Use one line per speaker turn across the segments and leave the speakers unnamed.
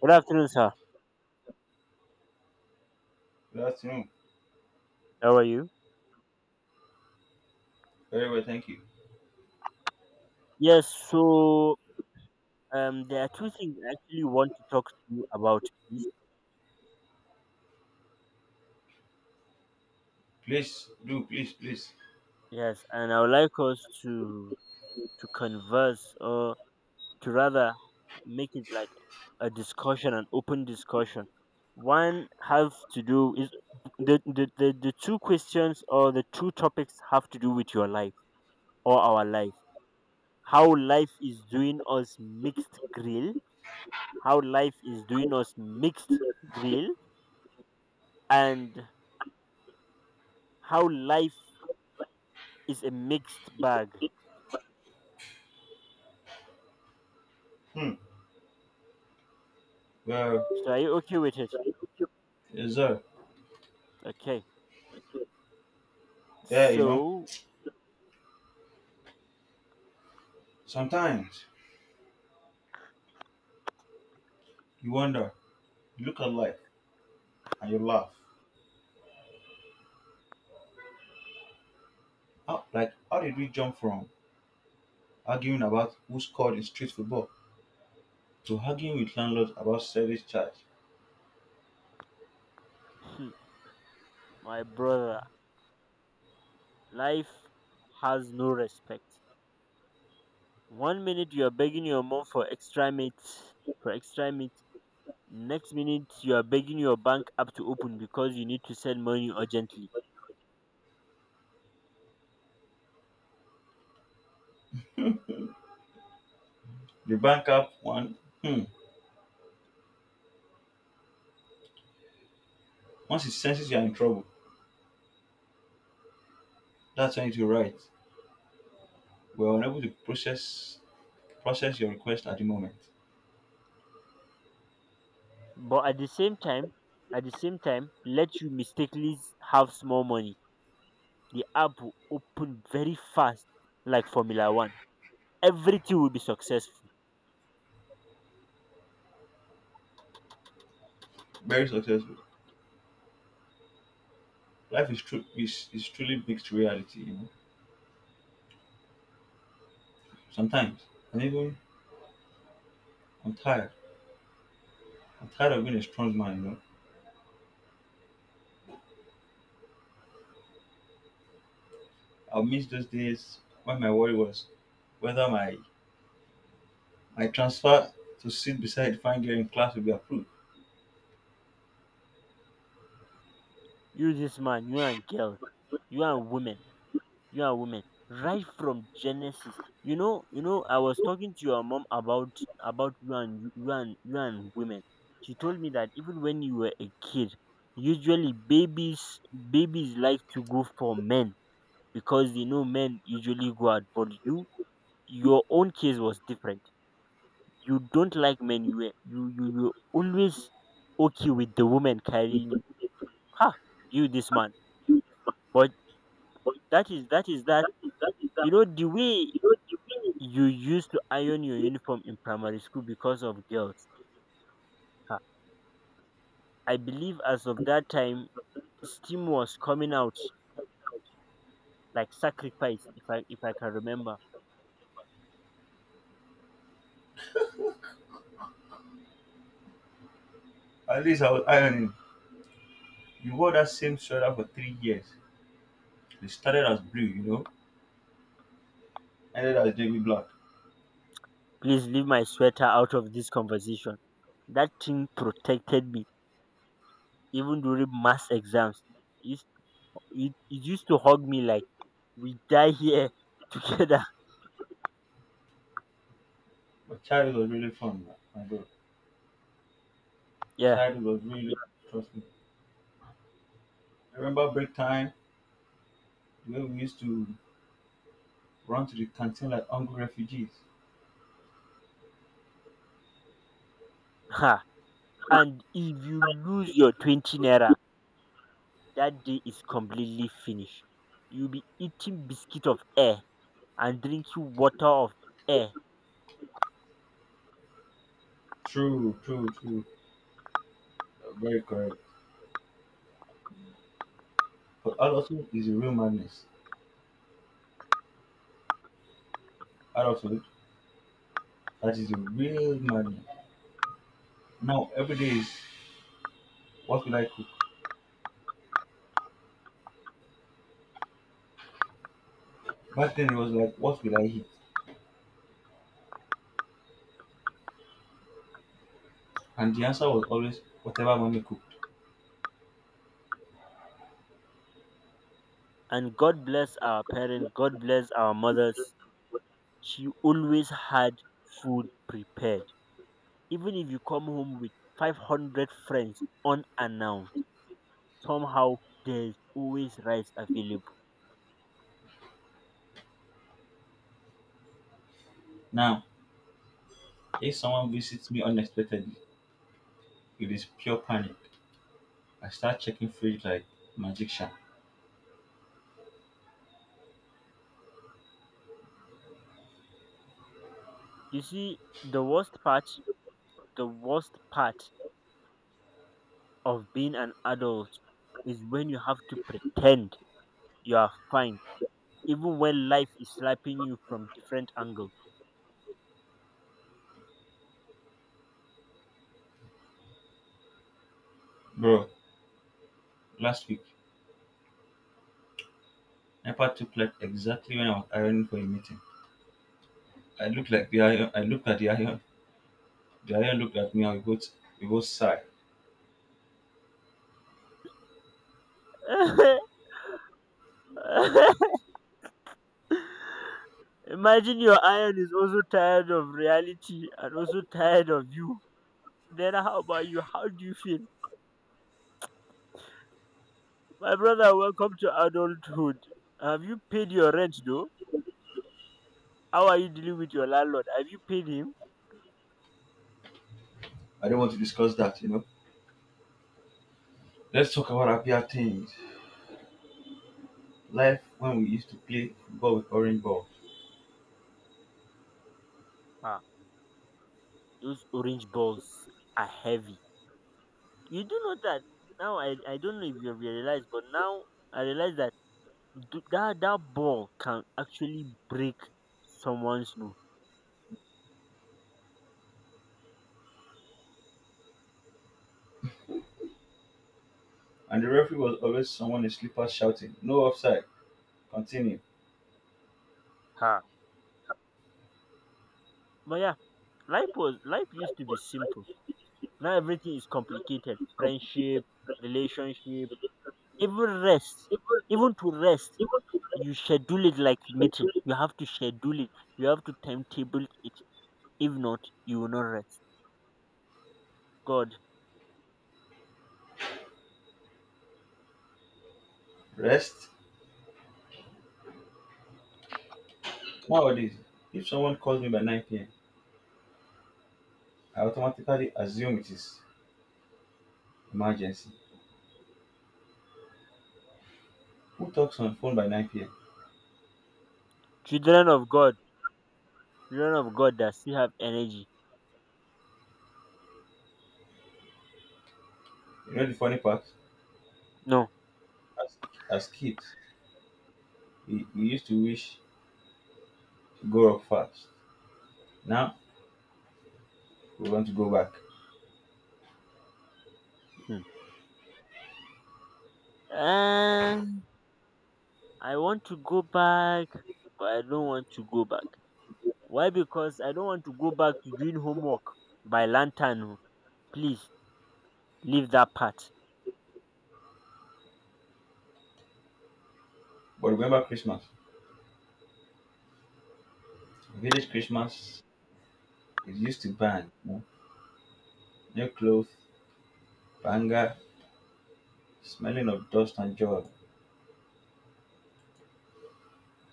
Good afternoon, sir.
Good afternoon.
How are you?
Very well, thank you.
Yes, so there are two things I actually want to talk to you about, please.
Please do, please, please.
Yes, and I would like us to converse, or to rather make it like a discussion, an open discussion. One have to do is the two questions or the two topics have to do with your life or our life. How life is doing us mixed grill. How life is doing us mixed grill and how life is a mixed bag.
Hmm. Well,
So are you okay with it?
yes, sir.
Okay.
Yeah,
So,
sometimes you wonder, you look at life and you laugh. How, like, how did we jump from arguing about who scored in street football to arguing with landlords about service charge?
hmm, my brother, life has no respect. One minute you are begging your mom for extra meat. Next minute you are begging your bank app to open because you need to send money urgently.
The bank app one, hmm, once it senses you are in trouble, that's when you write. We are unable to process your request at the moment.
But at the same time, let you mistakenly have small money. The app will open very fast, like Formula One. Everything will be successful.
Very successful. Life is true is truly mixed reality. Sometimes I'm even I'm tired. I'm tired of being a strong man. I'll miss those days when my worry was whether my transfer to sit beside the fine girl in class will be approved.
You this man, you and girls, you and women, you and women. Right from Genesis. I was talking to your mom about you and women. She told me that even when you were a kid, usually babies like to go for men because they know men usually go out. But you, your own case was different. You don't like men. You were you you you always okay with the woman carrying you. Ha! You this man, but that is that is that You know the way you used to iron your uniform in primary school because of girls, ah, I believe as of that time steam was coming out like sacrifice if I can remember.
At least I was ironing. You wore that same sweater for 3 years. It started as blue, ended as navy black.
Please leave my sweater out of this conversation. That thing protected me even during mass exams. It, it used to hug me like we die here together.
But childhood was really fun, my God.
Yeah.
Childhood was really trust me. I remember break time, the way we used to run to the canteen like hungry refugees.
Ha. And if you lose your 20 naira, that day is completely finished. You'll be eating biscuit of air and drinking water of air.
True, true, true. Very correct. But adulthood is the real madness. Adulthood, that is the real madness. Now, every day is what will I cook? Back then, it was like, what will I eat? And the answer was always, whatever mommy cooked.
And God bless our parents, God bless our mothers. She always had food prepared. Even if you come home with 500 friends unannounced, somehow there's always rice available.
Now, if someone visits me unexpectedly, it is pure panic. I start checking fridge like magician.
You see, the worst part of being an adult is when you have to pretend you are fine even when life is slapping you from different angles.
Bro, last week, Nepa took like exactly when I was ironing for a meeting. I looked at the iron looked at me and we both sighed.
Imagine your iron is also tired of reality and also tired of you. Then how about you? How do you feel? My brother, welcome to adulthood. Have you paid your rent though? How are you dealing with your landlord? Have you paid him?
I don't want to discuss that. Let's talk about happier things. Life when we used to play football with orange balls,
Ah, those orange balls are heavy. You do know that now I don't know if you realize, but now I realize that that ball can actually break someone's nose.
and the referee was always someone in slippers shouting, No offside, continue,
Ha. But yeah, life used to be simple. Now everything is complicated. Friendship, relationship, even rest. Even to rest, you schedule it like meeting. You have to schedule it. You have to timetable it. If not, you will not rest. God,
rest. Nowadays, if someone calls me by 9 p.m., I automatically assume it is emergency. Who talks on phone by 9 p.m.?
children of God, children of God that still have energy.
You know the funny part?
No.
As, as kids, we used to wish to go up fast. Now, we want to go back.
Hmm. And I want to go back, but I don't want to go back. Why? Because I don't want to go back to doing homework by lantern oh. Please leave that part.
But remember Christmas. Village Christmas is used to bang. New clothes, banger, smelling of dust and joy.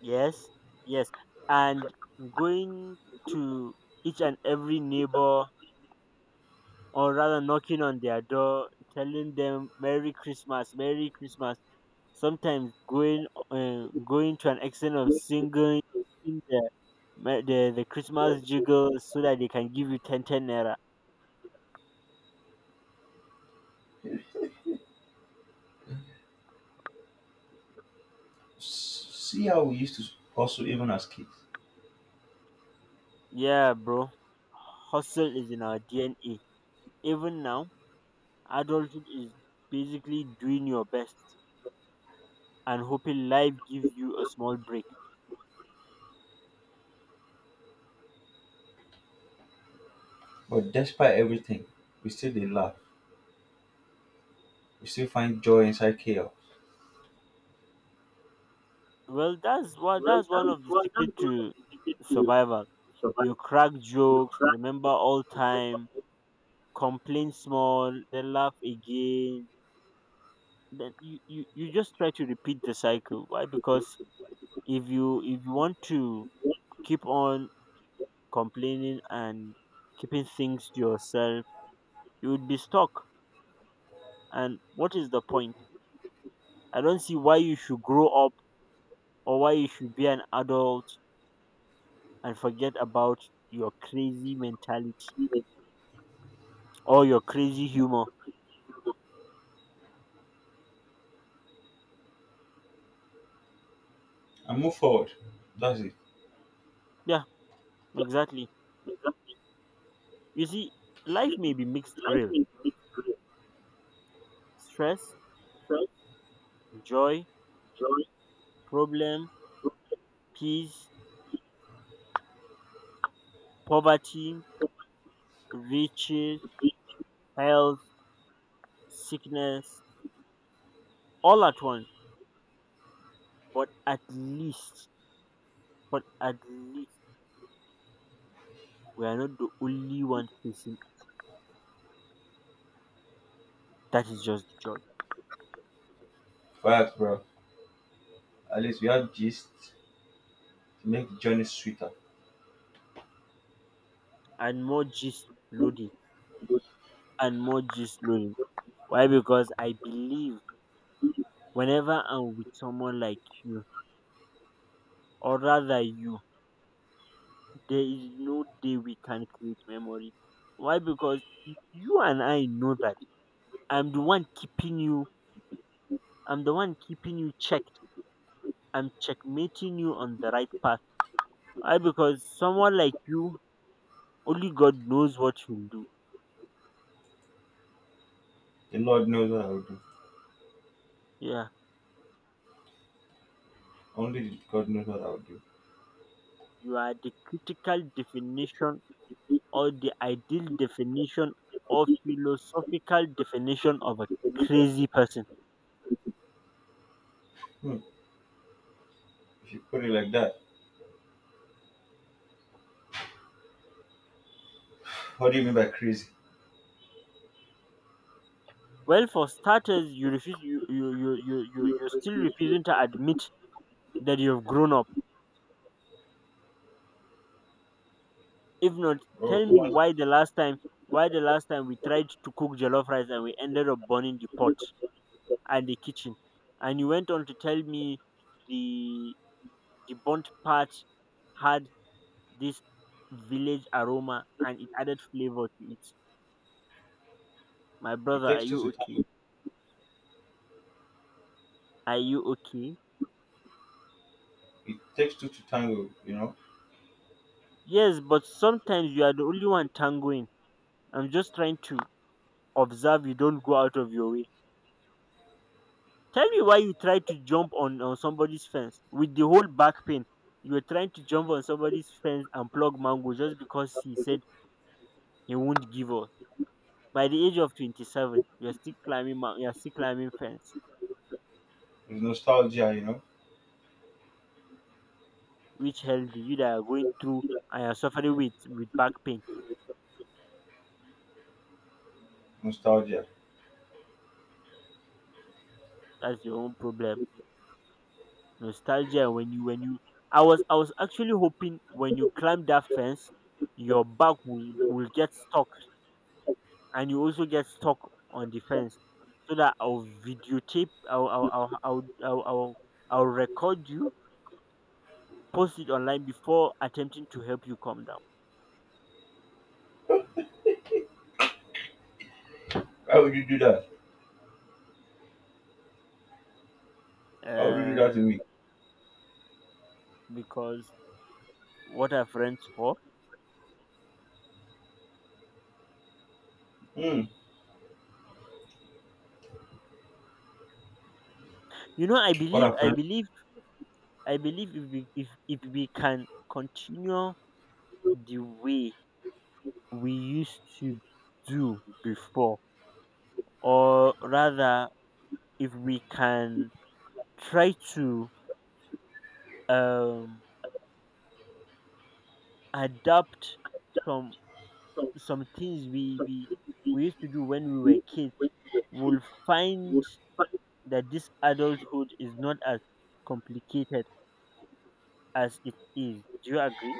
Yes, yes. And going to each and every neighbor or rather knocking on their door telling them Merry Christmas, Merry Christmas, sometimes going to an extent of singing the, the Christmas jingle, so that they can give you 10 10 naira.
See how we used to hustle even as kids.
Yeah, bro, hustle is in our DNA, even now. Adulthood is basically doing your best and hoping life gives you a small break.
But despite everything, we still dey laugh. We still find joy inside chaos
Well, that's one of the secret to survival. You crack jokes, remember all time, complain small, then laugh again. Then you just try to repeat the cycle. Why? Because if you want to keep on complaining and keeping things to yourself, you would be stuck. And what is the point? I don't see why you should grow up or why you should be an adult and forget about your crazy mentality or your crazy humor.
and move forward. That's it.
Yeah, exactly. You see, life may be mixed grill: stress, joy, problem, peace, poverty, riches, health, sickness, all at once. But at least we are not the only one facing, that is just the joy.
Facts, bro. At least we have gist to make the journey sweeter.
And more gist loading and more gist loading. Why? Because I believe whenever I'm with someone like you or rather you, there is no day we can create memory. Why? Because you and I know that I'm the one keeping you, I'm the one keeping you checked. I'm checkmating you on the right path. Why? Because someone like you, only God knows what you'll do.
The Lord knows what I would do.
Yeah,
Only God knows what I would do.
you are the critical definition or the ideal definition or philosophical definition of a crazy person.
Hmm. If you put it like that, what do you mean by crazy?
Well, for starters, you refuse you you you you you you're still refusing to admit that you've grown up. If not,
Oh,
tell me
one,
why the last time we tried to cook jollof rice and we ended up burning the pot and the kitchen, and you went on to tell me the the burnt part had this village aroma and it added flavor to it. My
it
brother, are
takes two to
you okay?
tango.
Are you okay?
It takes two to tango, you know?
Yes, but sometimes you are the only one tangoing. I'm just trying to observe you don't go out of your way. Tell me why you try to jump on somebody's fence with the whole back pain. You were trying to jump on somebody's fence and plug mango just because he said he won't give up. By the age of 27 you're still climbing you're still climbing fence,
It's nostalgia, you know?
which healthy you that are going through and you're suffering with back pain.
Nostalgia.
That's your own problem nostalgia. When you I was actually hoping when you climb that fence your back will get stuck and you also get stuck on the fence, so that I'll record you, post it online before attempting to help you calm down,
Why would you do that? Why would you do that to
uh,
me?
because what are friends for?
Hmm.
you know i
What
believe i
happened?
believe I believe if we can continue the way we used to do before, or rather if we can try to um adapt some some things we used to do when we were kids, we will find that this adulthood is not as complicated as it is. Do you agree?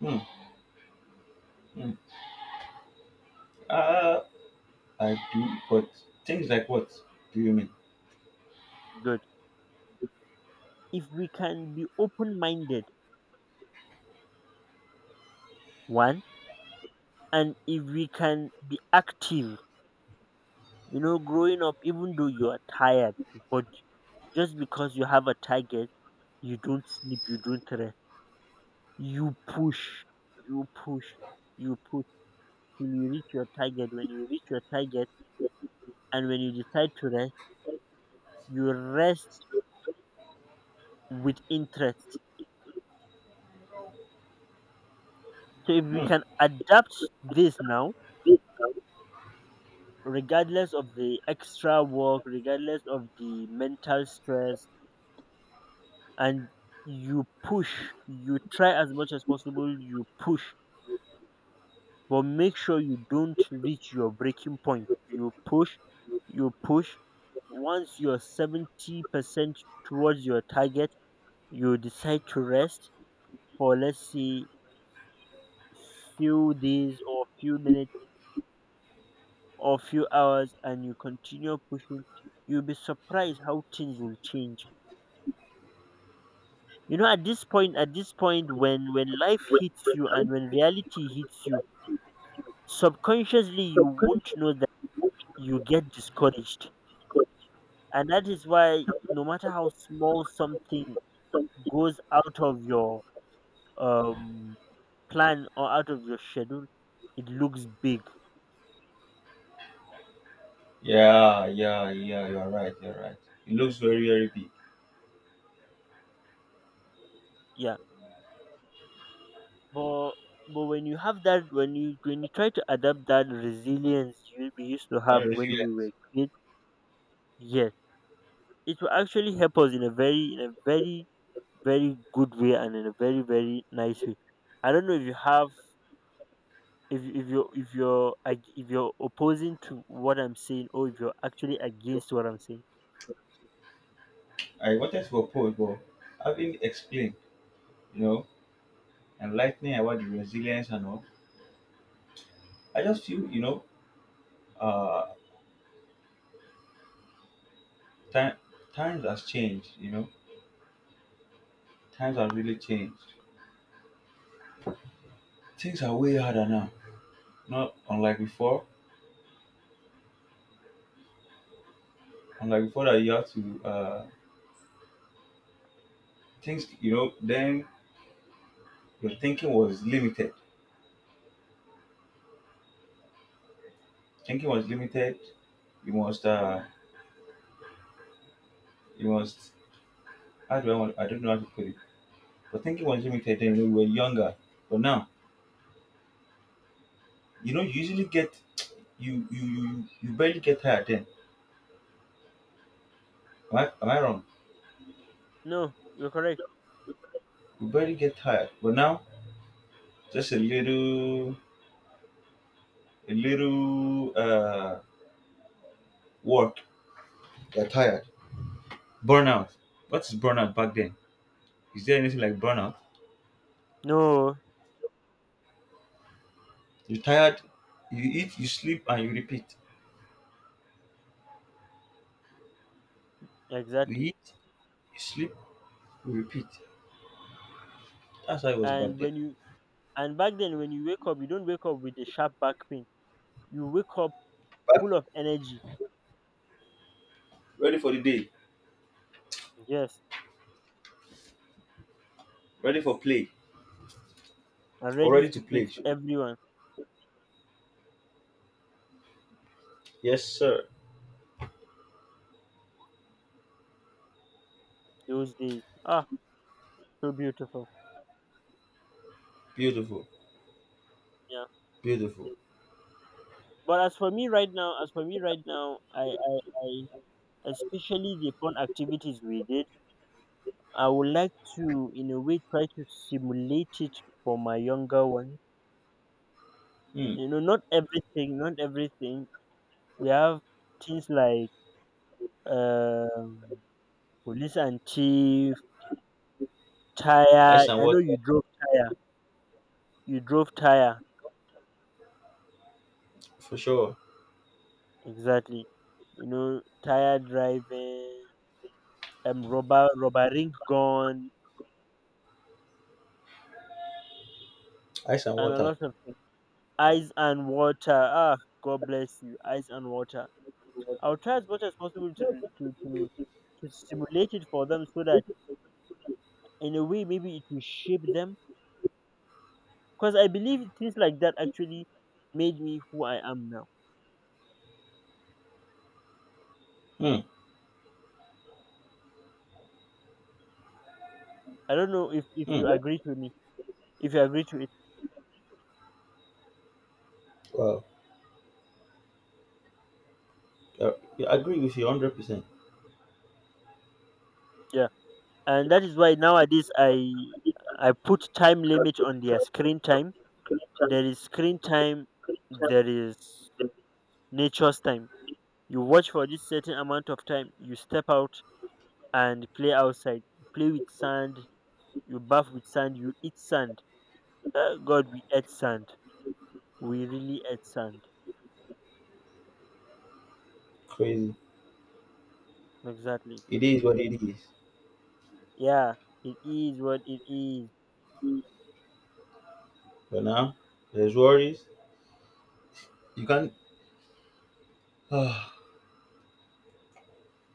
Hmm. Mm. Uh, I do, but things like what do you mean?
Good. If we can be open minded, one, and if we can be active, you know, growing up even though you are tired, but just because you have a target, you don't sleep, you don't rest. You push, you push, you push till you reach your target. When you reach your target and when you decide to rest, you rest with interest. So if we
Hmm.
can adapt this now, regardless of the extra work, regardless of the mental stress, and you push, you try as much as possible, you push, but make sure you don't reach your breaking point. You push, you push. Once you're 70% towards your target, you decide to rest for, let's say, few days or few minutes or few hours and you continue pushing, you'll be surprised how things will change. You know, at this point, when life hits you and when reality hits you, subconsciously you won't know that you get discouraged, and that is why no matter how small something goes out of your um plan or out of your schedule, it looks big.
Yeah, yeah, yeah, you're right, you're right. It looks very, very big.
Yeah. But but when you have that, when you try to adapt that resilience you we used to have
Not
when
resilient.
we were kids, yes, it will actually help us in a very very good way and in a very very nice way. I don't know if you have if you're opposing to what I'm saying or if you're actually against what I'm saying.
I wanted to oppose, but having explained, you know, enlightening about the resilience and all, I just feel, uh, time, times has changed, times have really changed. Things are way harder now, not unlike before. Unlike before that you have to, things, then your thinking was limited. Thinking was limited. You must, you must. How do I want? I don't know how to put it. But thinking was limited then. You we were younger. But now, you usually get you you you you barely get tired then. Am I wrong?
No, you're correct.
You barely get tired. But now, just a little work. You're tired. Burnout. What is burnout back then? Is there anything like burnout?
No,
You're tired. You eat, you sleep, and you repeat. You
exactly.
eat, you sleep, you repeat. That's how it was back
And
then.
when you and back then when you wake up, you don't wake up with a sharp back pain. You wake up full of energy.
Ready for the day,
Yes,
ready for play,
and
or ready
ready
to
to
play.
fit everyone
Yes, sir.
those days. Ah, so beautiful.
Beautiful,
Yeah.
beautiful.
But as for me right now, as for me right now, I especially the fun activities we did, I would like to, in a way, try to simulate it for my younger one.
Hmm.
You know, not everything, not everything. We have things like um, police and thief, tire.
Ice and
I know
water,
you drove tire. You drove tire.
for sure.
Exactly. You know, tire driving, rubber ring gun,
Ice and
and a
water.
lot of things. Ice and water. Ah, God bless you. Ice and water. I'll try as much as possible to to to stimulate it for them so that in a way maybe it will shape them. Because I believe things like that actually made me who I am now.
Hmm.
I don't know if
Hmm.
you agree with me. If you agree to it,
Wow. Uh, I agree with you 100%.
yeah. And that is why nowadays I put time limit on their screen time. There is screen time. There is nature's time. You watch for this certain amount of time, you step out and play outside. You play with sand, you bath with sand, you eat sand. Ah, God, we ate sand. We really ate sand.
Crazy.
Exactly.
It is what it is.
Yeah, it is what it is.
But now, there's worries. You can't